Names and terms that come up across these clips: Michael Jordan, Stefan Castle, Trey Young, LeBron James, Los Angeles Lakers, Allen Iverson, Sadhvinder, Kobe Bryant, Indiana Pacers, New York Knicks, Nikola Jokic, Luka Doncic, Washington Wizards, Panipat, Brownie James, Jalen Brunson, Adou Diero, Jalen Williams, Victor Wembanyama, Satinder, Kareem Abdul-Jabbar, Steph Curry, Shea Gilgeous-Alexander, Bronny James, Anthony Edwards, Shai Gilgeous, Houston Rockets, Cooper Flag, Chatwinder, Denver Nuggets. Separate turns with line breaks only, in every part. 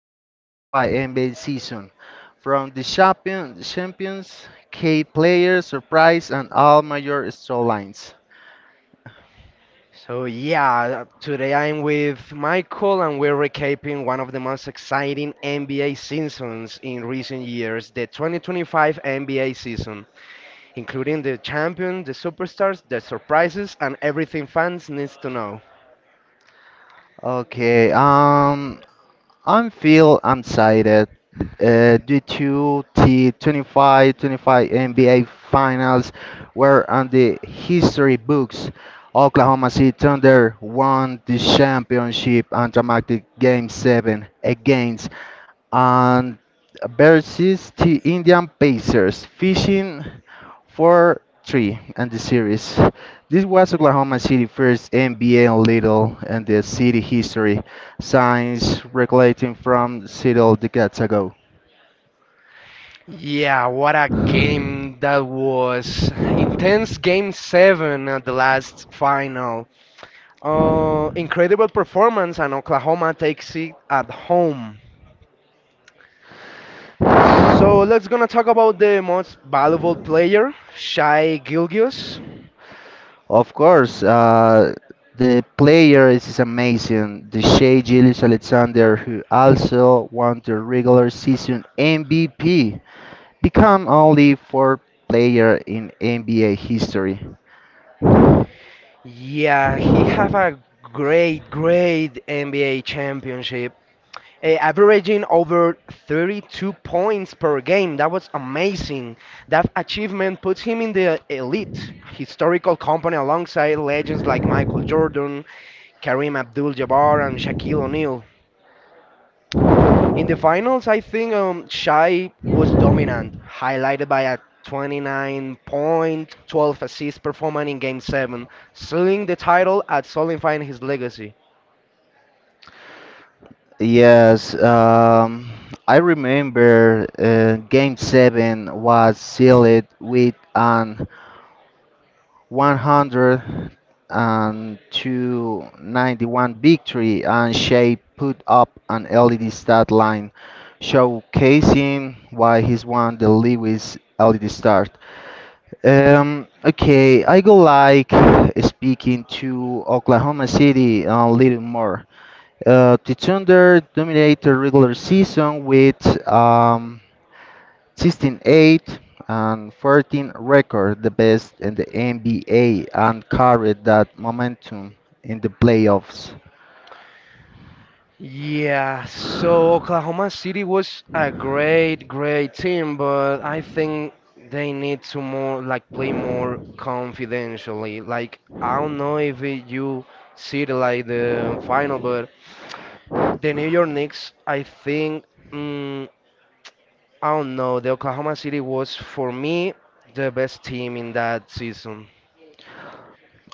2025 NBA season from the champion, champions, key players, surprise, and all major storylines.
So yeah, today I'm with Michael and we're recapping one of the most exciting NBA seasons in recent years, the 2025 NBA season, including the champion, the superstars, the surprises, and everything fans needs to know.
Okay, I feel I'm sighted due to the 25 NBA Finals, where on the history books, Oklahoma City Thunder won the championship on dramatic Game 7 against and versus the Indian Pacers, fishing for three and the series. This was Oklahoma City first NBA in Little and the city history, signs regulating from several decades ago.
Yeah, what a game that was. Intense game 7 at the last final. Incredible performance and Oklahoma takes it at home. So let's gonna talk about the most valuable player, Shai Gilgeous.
Of course, the player is amazing. The Shea Gillis Alexander, who also won the regular season MVP, become only four player in NBA history.
Yeah, he have a great NBA championship, averaging over 32 points per game. That was amazing. That achievement puts him in the elite historical company alongside legends like Michael Jordan, Kareem Abdul-Jabbar, and Shaquille O'Neal. In the finals, I think Shai was dominant, highlighted by a 29 point, 12 assist performance in Game 7, sealing the title and solidifying his legacy.
Yes, I remember Game 7 was sealed with an 102-91 victory, and Shea put up an LED stat line showcasing why he's won the Lewis LED start. Okay, I go like speaking to Oklahoma City a little more. The Thunder dominated the regular season with um, 16-8 and 14 record, the best in the NBA, and carried that momentum in the playoffs.
Yeah, so Oklahoma City was a great team, but I think they need to more like play more confidentially. Like I don't know if you see it like the final, but the New York Knicks, I think. mm, I don't know. The Oklahoma City was, for me, the best team in that season.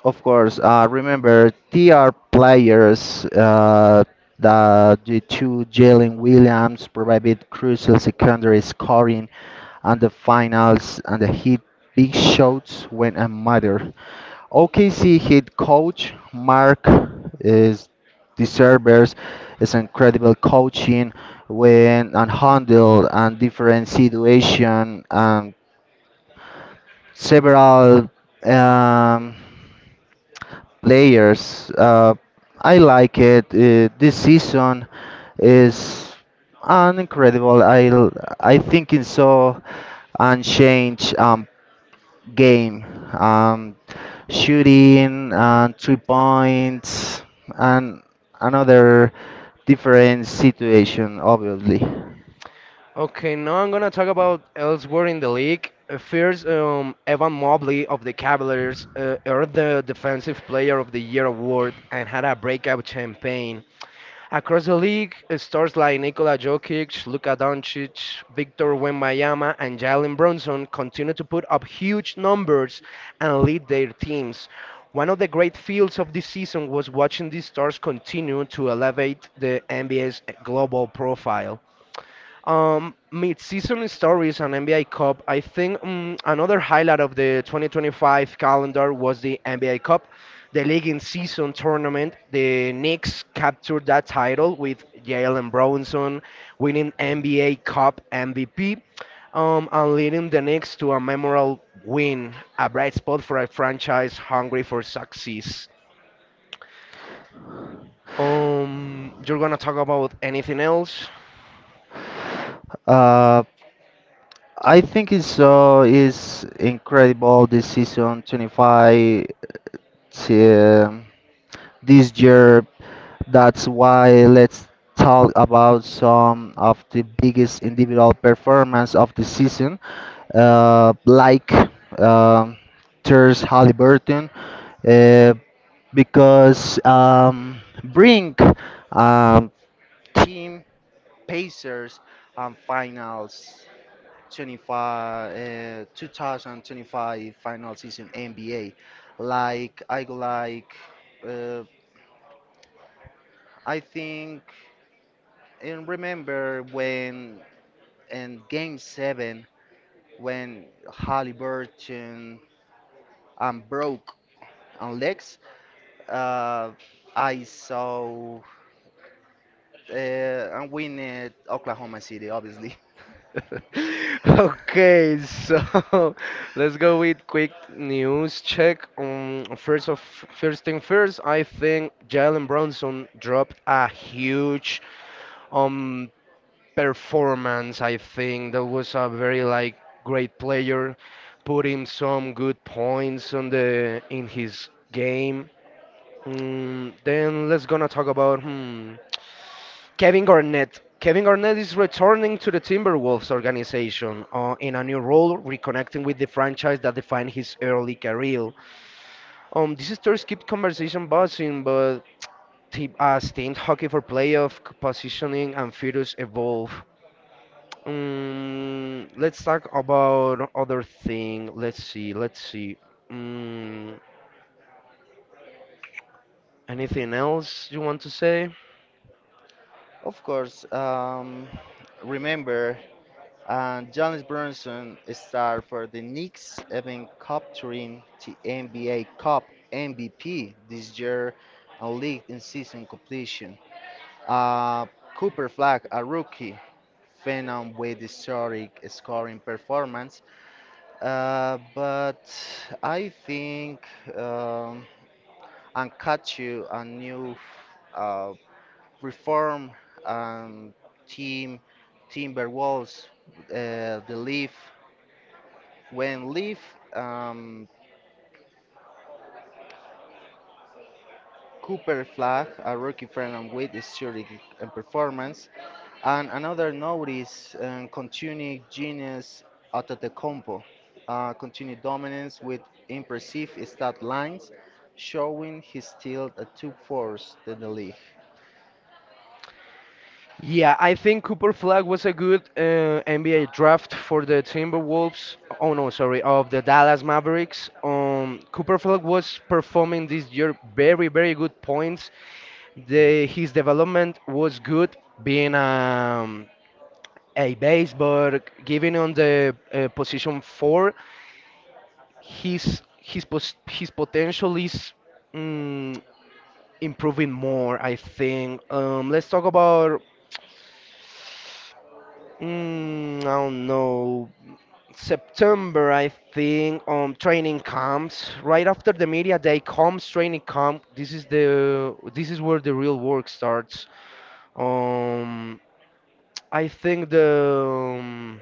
Of course, remember TR players the two Jalen Williams provided crucial secondary scoring and the finals and the hit big shots when it mattered. OKC head coach Mark is deserves is incredible coaching when and handled and different situation and several um, players. I like it. This season is an incredible. I think it's so unchanged. Game, um, shooting, and 3 points, and another different situation, obviously.
Okay, now I'm gonna talk about elsewhere in the league. First, Evan Mobley of the Cavaliers earned the Defensive Player of the Year award and had a breakout campaign. Across the league, stars like Nikola Jokic, Luka Doncic, Victor Wembanyama, and Jalen Brunson continue to put up huge numbers and lead their teams. One of the great feels of this season was watching these stars continue to elevate the NBA's global profile. Mid-season stories and NBA Cup. I think another highlight of the 2025 calendar was the NBA Cup, the league in season tournament. The Knicks captured that title with Jalen Brunson winning NBA Cup MVP, and leading the Knicks to a memorable win, a bright spot for a franchise hungry for success. You're gonna talk about anything else?
Uh, I think it's so is incredible this season 25 to, this year. That's why let's talk about some of the biggest individual performance of the season, like um Ters Halliburton uh, because bring um, team Pacers and finals 25, 2025 final season NBA. Like I go like uh, I think and remember when in game 7 when Halliburton broke on legs. Uh, I saw and win at Oklahoma City, obviously.
Okay, so let's go with quick news check. First thing first, I think Jalen Brunson dropped a huge um performance. I think that was a very like great player, putting some good points on the in his game. Mm, then let's gonna talk about Kevin Garnett. Kevin Garnett is returning to the Timberwolves organization in a new role, reconnecting with the franchise that defined his early career. This stories keep conversation buzzing, but team hockey for playoff positioning and futures evolve. Mm, let's talk about other thing. Let's see. Let's see. Mm, anything else you want to say?
Of course, remember, Giannis Brunson starred for the Knicks, even capturing the NBA Cup MVP this year and league in season completion. Uh, Cooper Flag, a rookie, phenom with historic scoring performance. But I think. Um, and catch you a new uh, reform and team Timberwolves the Leaf when Leaf um, Cooper Flag a rookie friend and with historic performance and another notice continued genius at the compo continued dominance with impressive stat lines showing he's still a two force in the league.
Yeah, I think Cooper Flag was a good NBA draft for the Timberwolves. Oh no, sorry, of the Dallas Mavericks. Cooper Flag was performing this year very, very good points. The his development was good, being a base, but given on the position four, his potential is. mm, improving more, I think. Let's talk about, mm, I don't know, September, I think, training camps. Right after the media day comes training camp. This is where the real work starts. Um, I think the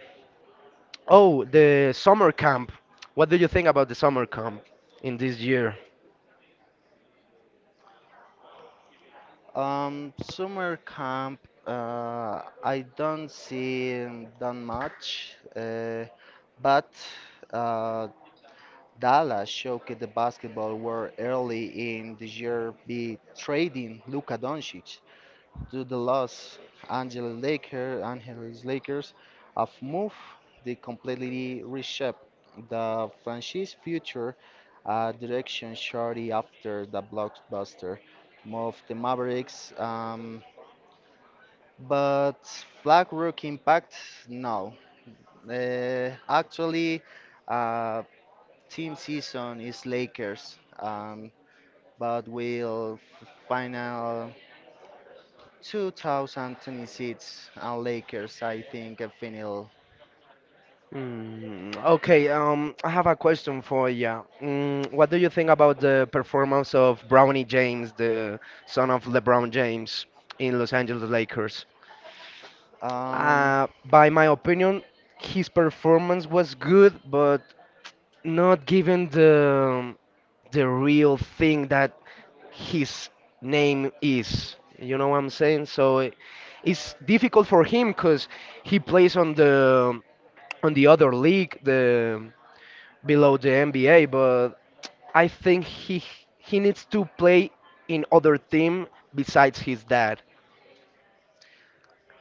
oh, the summer camp. What do you think about the summer camp in this year?
Summer camp, I don't see that much, but uh, Dallas showed the basketball were early in the year be trading Luka Doncic to the Los Angeles Lakers, Angeles Lakers have moved they completely reshape the franchise future direction shortly after the blockbuster move the Mavericks. But Flag Rock Impact, no. Actually, uh, team season is Lakers, but will final 2026 and Lakers, I think, a final.
Mm, okay, I have a question for you. Mm, what do you think about the performance of Brownie James, the son of LeBron James, in Los Angeles Lakers?
Um,
By my opinion, his performance was good, but not given the real thing that his name is. You know what I'm saying? It's difficult for him because he plays on the other league, the below the NBA, but I think he needs to play in other team besides his dad.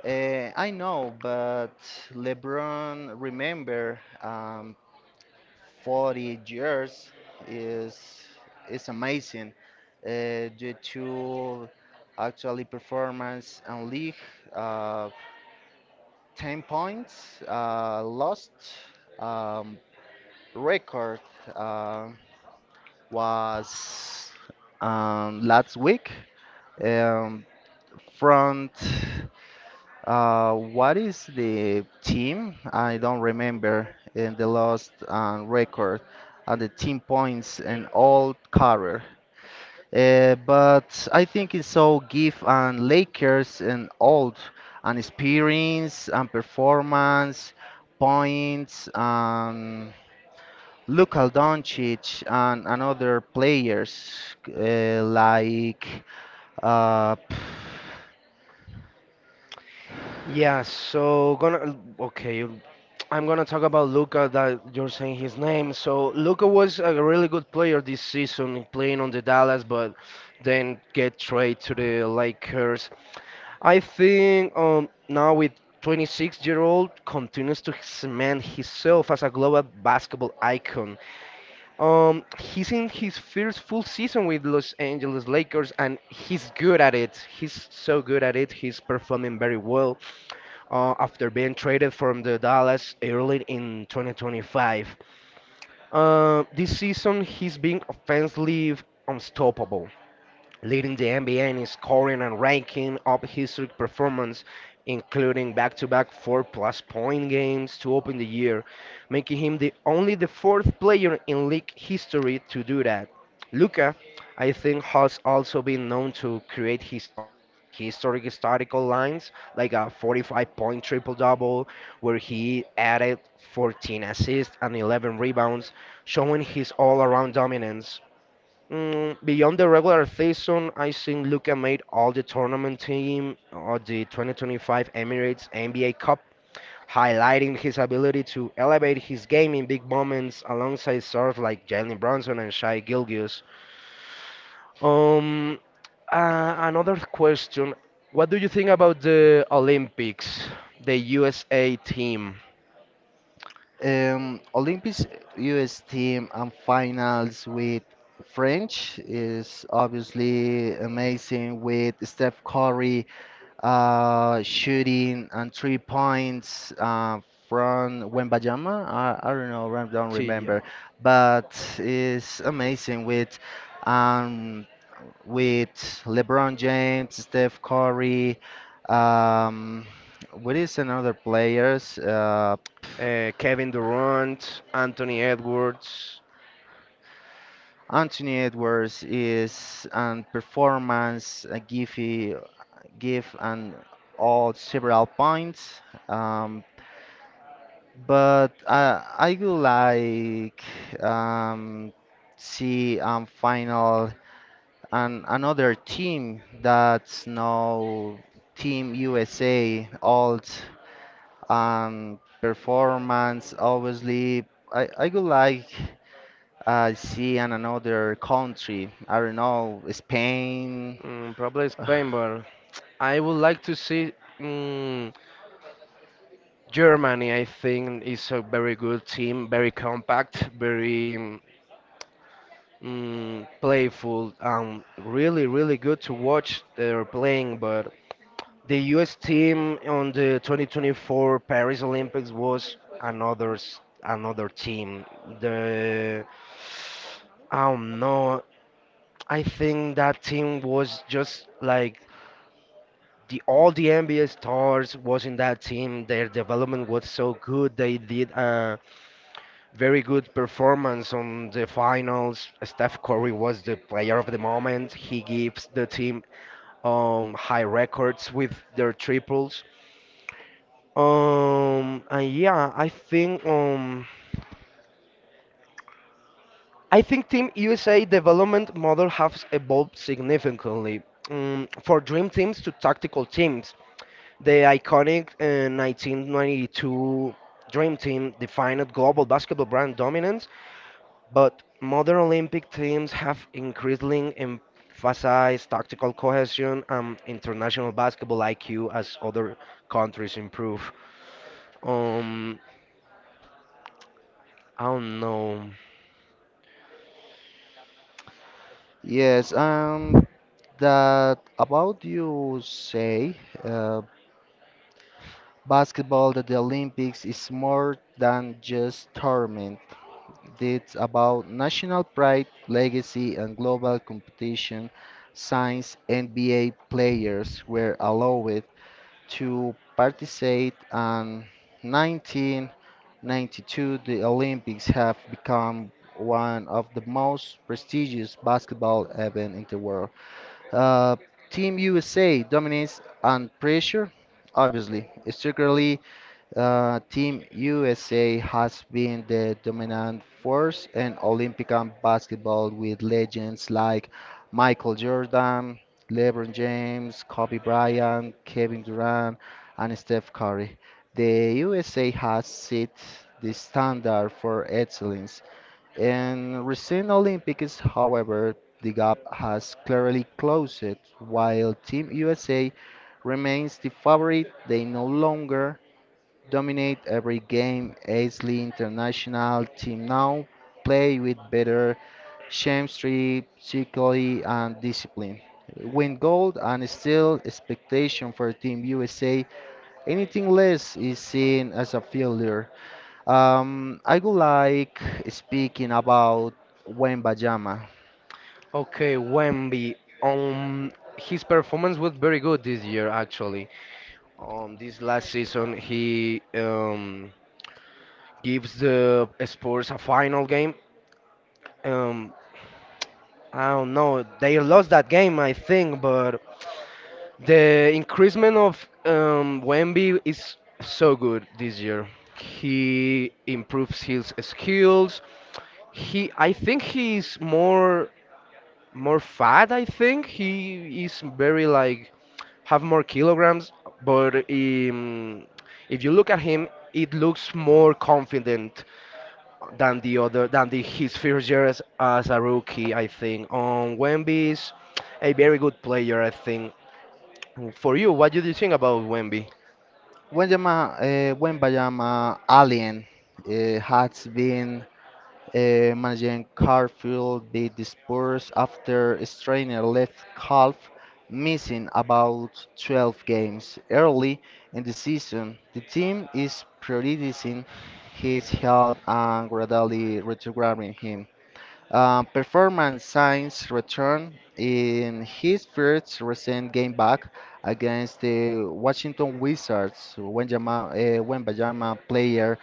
I know, but LeBron, remember, 40 years is is amazing due to actually performance and league uh, 10 points lost um, record uh, was last week um, front. What is the team? I don't remember in the last record and the team points in all career. But I think it's so give and Lakers and old and experience and performance points and Luka Doncic and other players like uh,
Yeah, so gonna Okay, I'm gonna talk about Luca that you're saying his name. So Luca was a really good player this season playing on the Dallas, but then get traded to the Lakers. I think now with 26-year-old continues to cement himself as a global basketball icon. He's in his first full season with Los Angeles Lakers, and he's good at it. He's so good at it. He's performing very well after being traded from the Dallas early in 2025. This season, he's been offensively unstoppable leading the NBA in scoring and ranking up historic performance, including back-to-back four-plus point games to open the year, making him the only the fourth player in league history to do that. Luka, I think, has also been known to create his own historical lines, like a 45-point triple-double, where he added 14 assists and 11 rebounds, showing his all-around dominance. Mm, beyond the regular season, I think Luka made all the tournament team of the 2025 Emirates NBA Cup, highlighting his ability to elevate his game in big moments alongside stars like Jalen Brunson and Shai Gilgeous. Um, Another question: what do you think about the Olympics, the USA team?
Olympics US team and finals with French is obviously amazing with Steph Curry shooting and 3 points from Wembanyama. I don't know, I don't
Sí,
remember,
yeah.
but it's amazing with um, with LeBron James, Steph Curry. Um, what is another players?
Kevin Durant, Anthony Edwards,
Anthony Edwards is an performance give he give an odd several points, um, but I would like um, see final and another team that's now Team USA old performance. Obviously, I would like. I see in another country. I don't know, Spain.
mm, probably Spain, but I would like to see mm Germany. I think is a very good team, very compact, very playful, really, really good to watch their playing. But the U.S. team on the 2024 Paris Olympics was another team. The I don't know. I think that team was just like the all the NBA stars was in that team. Their development was so good. They did a very good performance on the finals. Steph Curry was the player of the moment. He gives the team high records with their triples. And yeah, I think Team USA development model has evolved significantly. For dream teams to tactical teams, the iconic 1992 Dream Team defined global basketball brand dominance, but modern Olympic teams have increasingly emphasized tactical cohesion and international basketball IQ as other countries improve. Um, I don't know.
Yes, that about you say uh, basketball at the Olympics is more than just tournament. It's about national pride, legacy, and global competition. Since NBA players were allowed to participate and 1992 the Olympics have become one of the most prestigious basketball events in the world. Uh, Team USA dominates under pressure, obviously, secretly Team USA has been the dominant force in Olympic and basketball with legends like Michael Jordan, LeBron James, Kobe Bryant, Kevin Durant, and Steph Curry. The USA has set the standard for excellence. In recent Olympics, however, the gap has clearly closed. While Team USA remains the favorite, they no longer dominate every game. Aisley international team now play with better chemistry, psychology, and discipline. Win gold and still expectation for Team USA. Anything less is seen as a failure. I would like speaking about Wembayama.
Okay, Wemby. Um, his performance was very good this year, actually. This last season, he gives the Spurs a final game, um, I don't know. They lost that game, I think, but the increasement of Wemby is so good this year. He improves his skills. I think he's more fat. I think he is very like have more kilograms, but if you look at him, it looks more confident than the other than the his first year as a rookie, I think. Wemby is a very good player, I think. For you, what do you think about Wemby?
Wembayama, Wembayama Alien has been. Managing Carfield, they dispersed after Strainer left Calf, missing about 12 games. Early in the season, the team is prioritizing his health and gradually retrograding him. Performance signs return in his first recent game back against the Washington Wizards. When Wembanyama player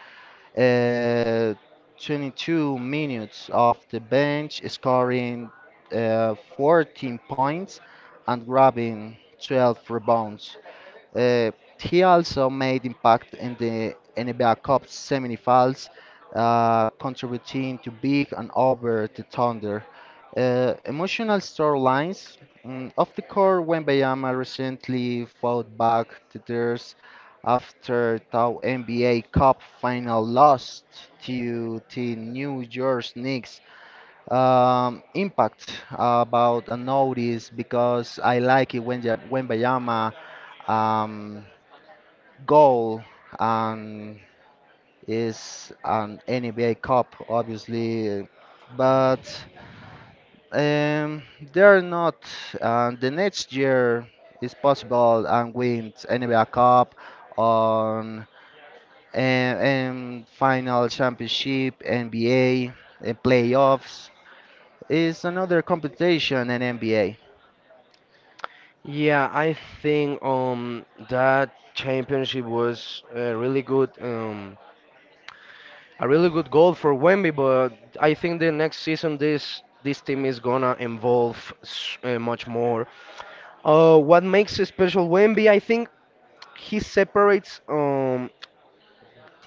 uh, 22 minutes off the bench, scoring 14 points and grabbing 12 rebounds. Uh, he also made impact in the NBA Cup semifinals, contributing to big and over the Thunder. Emotional storylines, of the core when Bayama recently fought back the theirs after the NBA Cup final loss to the New York Knicks. Impact about a notice because I like it when Bayama um, goal and is an NBA Cup, obviously, but um, they're not. The next year is possible and win NBA Cup on and final championship, NBA, and playoffs. Is another competition in NBA.
Yeah, I think that championship was a really good goal for Wemby, but I think the next season this team is gonna involve much more. What makes a special Wemby? I think he separates. Um,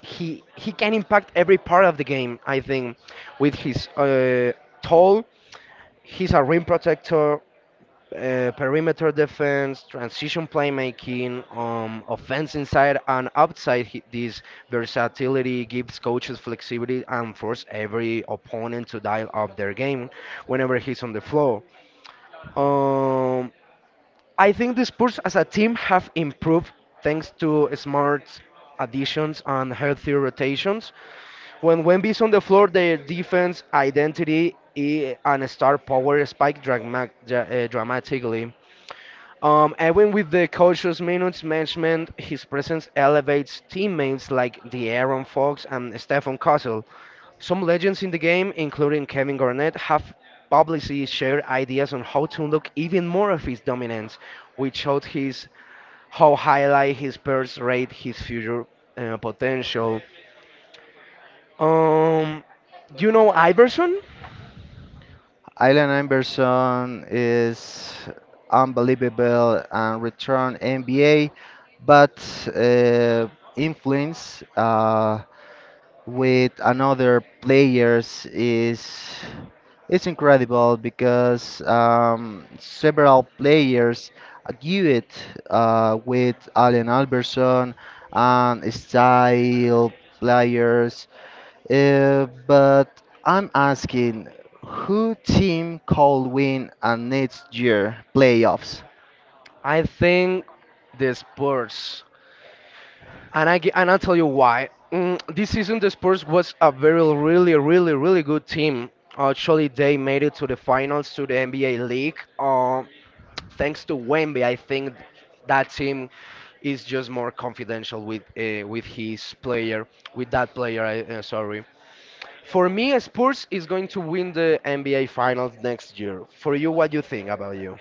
he He can impact every part of the game. I think with his tall, he's a rim protector, perimeter defense, transition playmaking, offense inside and outside. This versatility gives coaches flexibility and force every opponent to dial up their game whenever he's on the floor. Um, I think the Spurs as a team have improved thanks to smart additions and healthy rotations. When Wemby's on the floor, their defense and star power spike dramatically. And when with the coach's minutes management, his presence elevates teammates like the Aaron Fox and Stefan Castle. Some legends in the game, including Kevin Garnett, have publicly shared ideas on how to look even more of his dominance, which showed his how highlight his pairs rate his future potential. Um, you know Iverson?
Allen Iverson is unbelievable and return NBA, but uh, influence. With another players is it's incredible because several players give it with Allen Alberson and style players. But I'm asking, who team could win a next year playoffs?
I think the Spurs, and I'll tell you why. Mm, this season, the Spurs was a very, really, really, really good team. Actually, they made it to the finals to the NBA League. Thanks to Wemby, I think that team is just more confidential with with that player. Sorry. For me, Spurs is going to win the NBA Finals next year. For you, what do you think about you?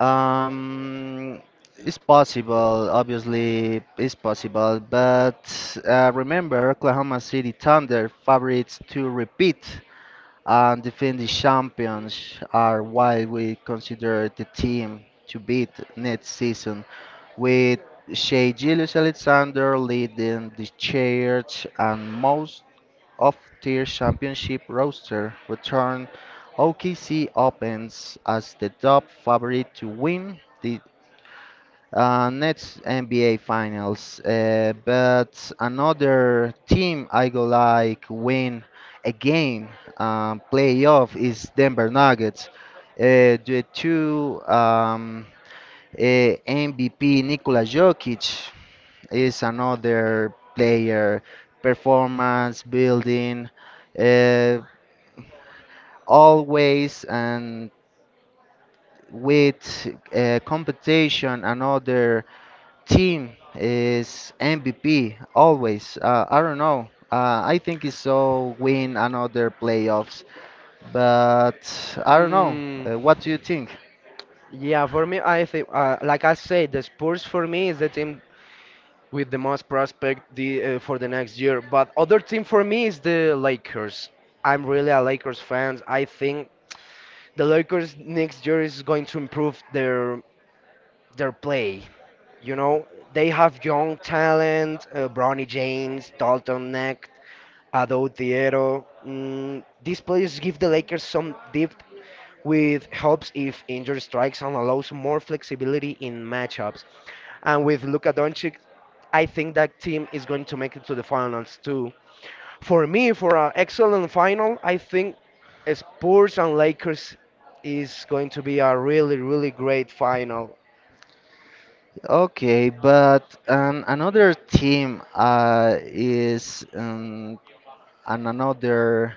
Um, it's possible, obviously, it's possible, but remember Oklahoma City Thunder favorites to repeat and defend the champions are why we consider the team to beat next season, with Shea Gilgeous-Alexander leading the charge and most off-tier championship roster return, OKC opens as the top favorite to win the next NBA Finals. But another team I go like win again playoff is Denver Nuggets. The two uh, MVP Nikola Jokic is another player performance building. Uh, Always and with competition another team is MVP always, I don't know, I think it's so win another playoffs, but I don't know,
Mm,
what do you think?
yeah, for me, I think, like I said, the Spurs for me is the team with the most prospect for the next year. But other team for me is the Lakers. I'm really a Lakers fan. I think the Lakers next year is going to improve their play. You know, they have young talent, Bronny James, Dalton Neck, Adou Diero. Mm, these players give the Lakers some depth with helps if injury strikes and allows more flexibility in matchups. And with Luka Doncic, I think that team is going to make it to the finals too. For me, for an excellent final, I think Spurs and Lakers is going to be a really, really great final.
Okay, but another team is, an another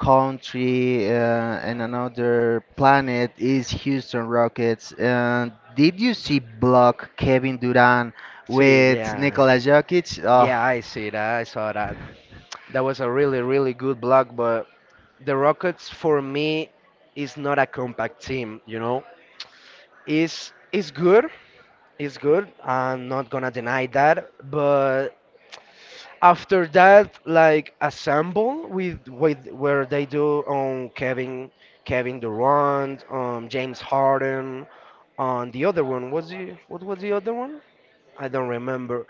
country and another planet is Houston Rockets. And did you see block Kevin Durant
See,
with
yeah.
Nikola Jokic? Oh,
Yeah, I see that. I saw that. That was a really, really good block, but the Rockets for me is not a compact team, you know. Is good, is good. I'm not gonna deny that, but after that, like assemble with where they do on Kevin Durant, um, James Harden, on the other one was the what was the other one? I don't remember.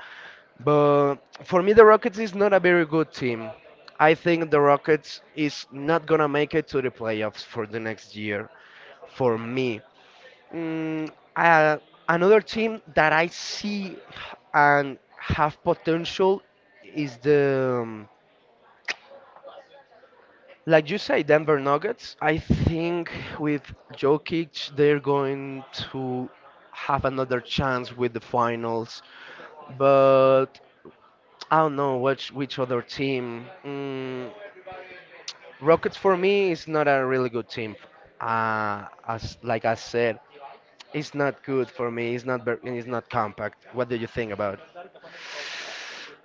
But for me, the Rockets is not a very good team. I think the Rockets is not gonna make it to the playoffs for the next year. For me, mm, uh, another team that I see and have potential is like you say, Denver Nuggets. I think with Jokic, they're going to have another chance with the finals. But I don't know which other team. Mm, Rockets for me is not a really good team. As like I said, it's not good for me. It's not very, and it's not compact. What do you think about?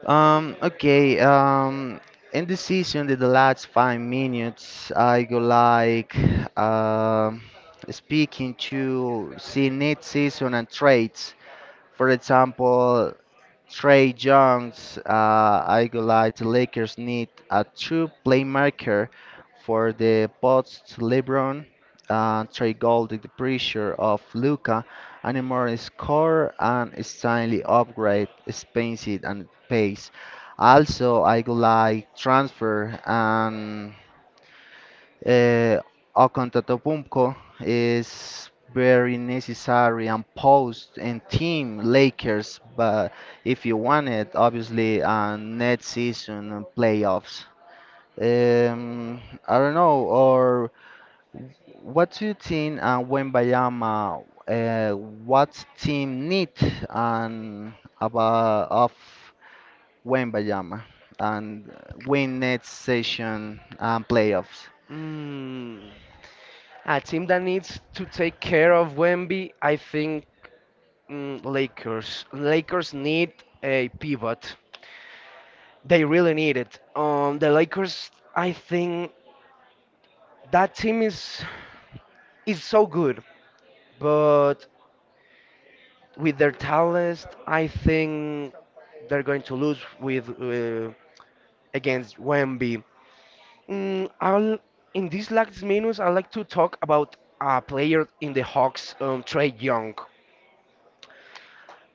okay. In this season, in the last 5 minutes, I go like um speaking to see next season and trades. For example, Trey Jones, I go like the Lakers need a true playmaker for the post LeBron. Trey Gold the pressure of Luca and a more score and Stanley upgrade speed and pace. Also, I go like transfer and uh, Okontopumpo is very necessary and post and team Lakers, but if you want it, obviously, next season and playoffs. Um, I don't know, or what do you think Wembayama, what team need and about of Wembayama and win next session and playoffs?
Mm, a team that needs to take care of Wemby, I think mm, Lakers. Lakers need a pivot. They really need it. The Lakers, I think that team is so good, but with their talent, I think they're going to lose with against Wemby. I'll in these last minutes I'd like to talk about a player in the Hawks, Trey Young.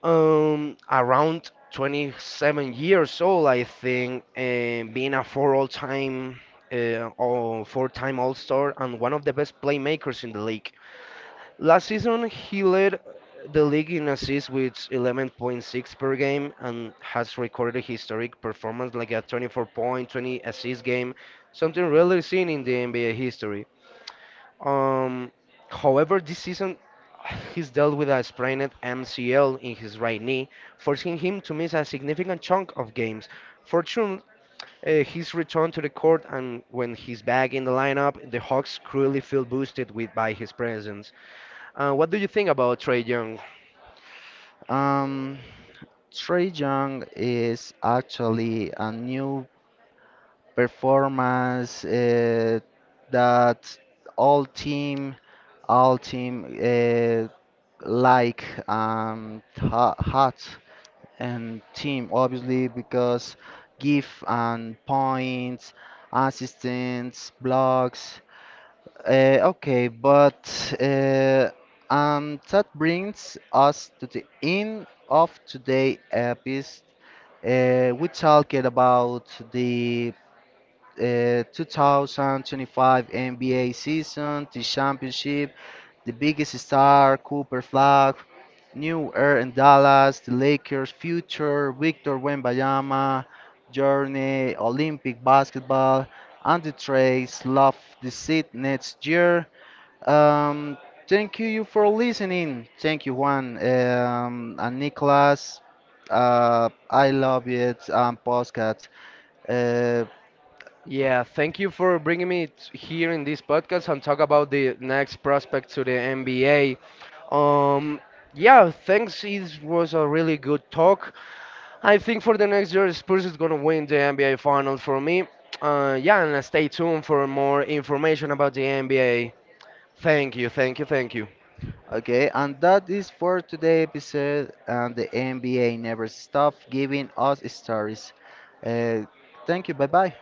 Around 27 years old, I think, and being a four all-time or four-time All-Star and one of the best playmakers in the league. Last season, he led the league in assists with 11.6 per game and has recorded historic performance like a 24 point, 20 assist game, something rarely seen in the NBA history. Um, however, this season he's dealt with a sprained MCL in his right knee, forcing him to miss a significant chunk of games. Fortunately, he's returned to the court, and when he's back in the lineup, the Hawks cruelly feel boosted with by his presence. What do you think about Trey Young?
Um, Trey Young is actually a new performance that all team, all team like hot and team obviously because give and points, assistance, blocks, okay, but uh, that brings us to the end of today's episode. We talked about the 2025 NBA season, the championship, the biggest star, Cooper Flag, New Air in Dallas, the Lakers' future, Victor Wembanyama, Journey, Olympic basketball, and the Trace, love the seat next year. Um, Thank you for listening. Thank you, Juan, and Nicholas. I love it and postcards. Uh,
Yeah, thank you for bringing me here in this podcast and talk about the next prospect to the NBA. Um, yeah, thanks. It was a really good talk. I think for the next year, Spurs is going to win the NBA final for me. Yeah, and stay tuned for more information about the NBA. Thank you, thank you, thank you.
okay, and that is for today episode. And the NBA never stops giving us stories. Uh, Thank you. Bye bye.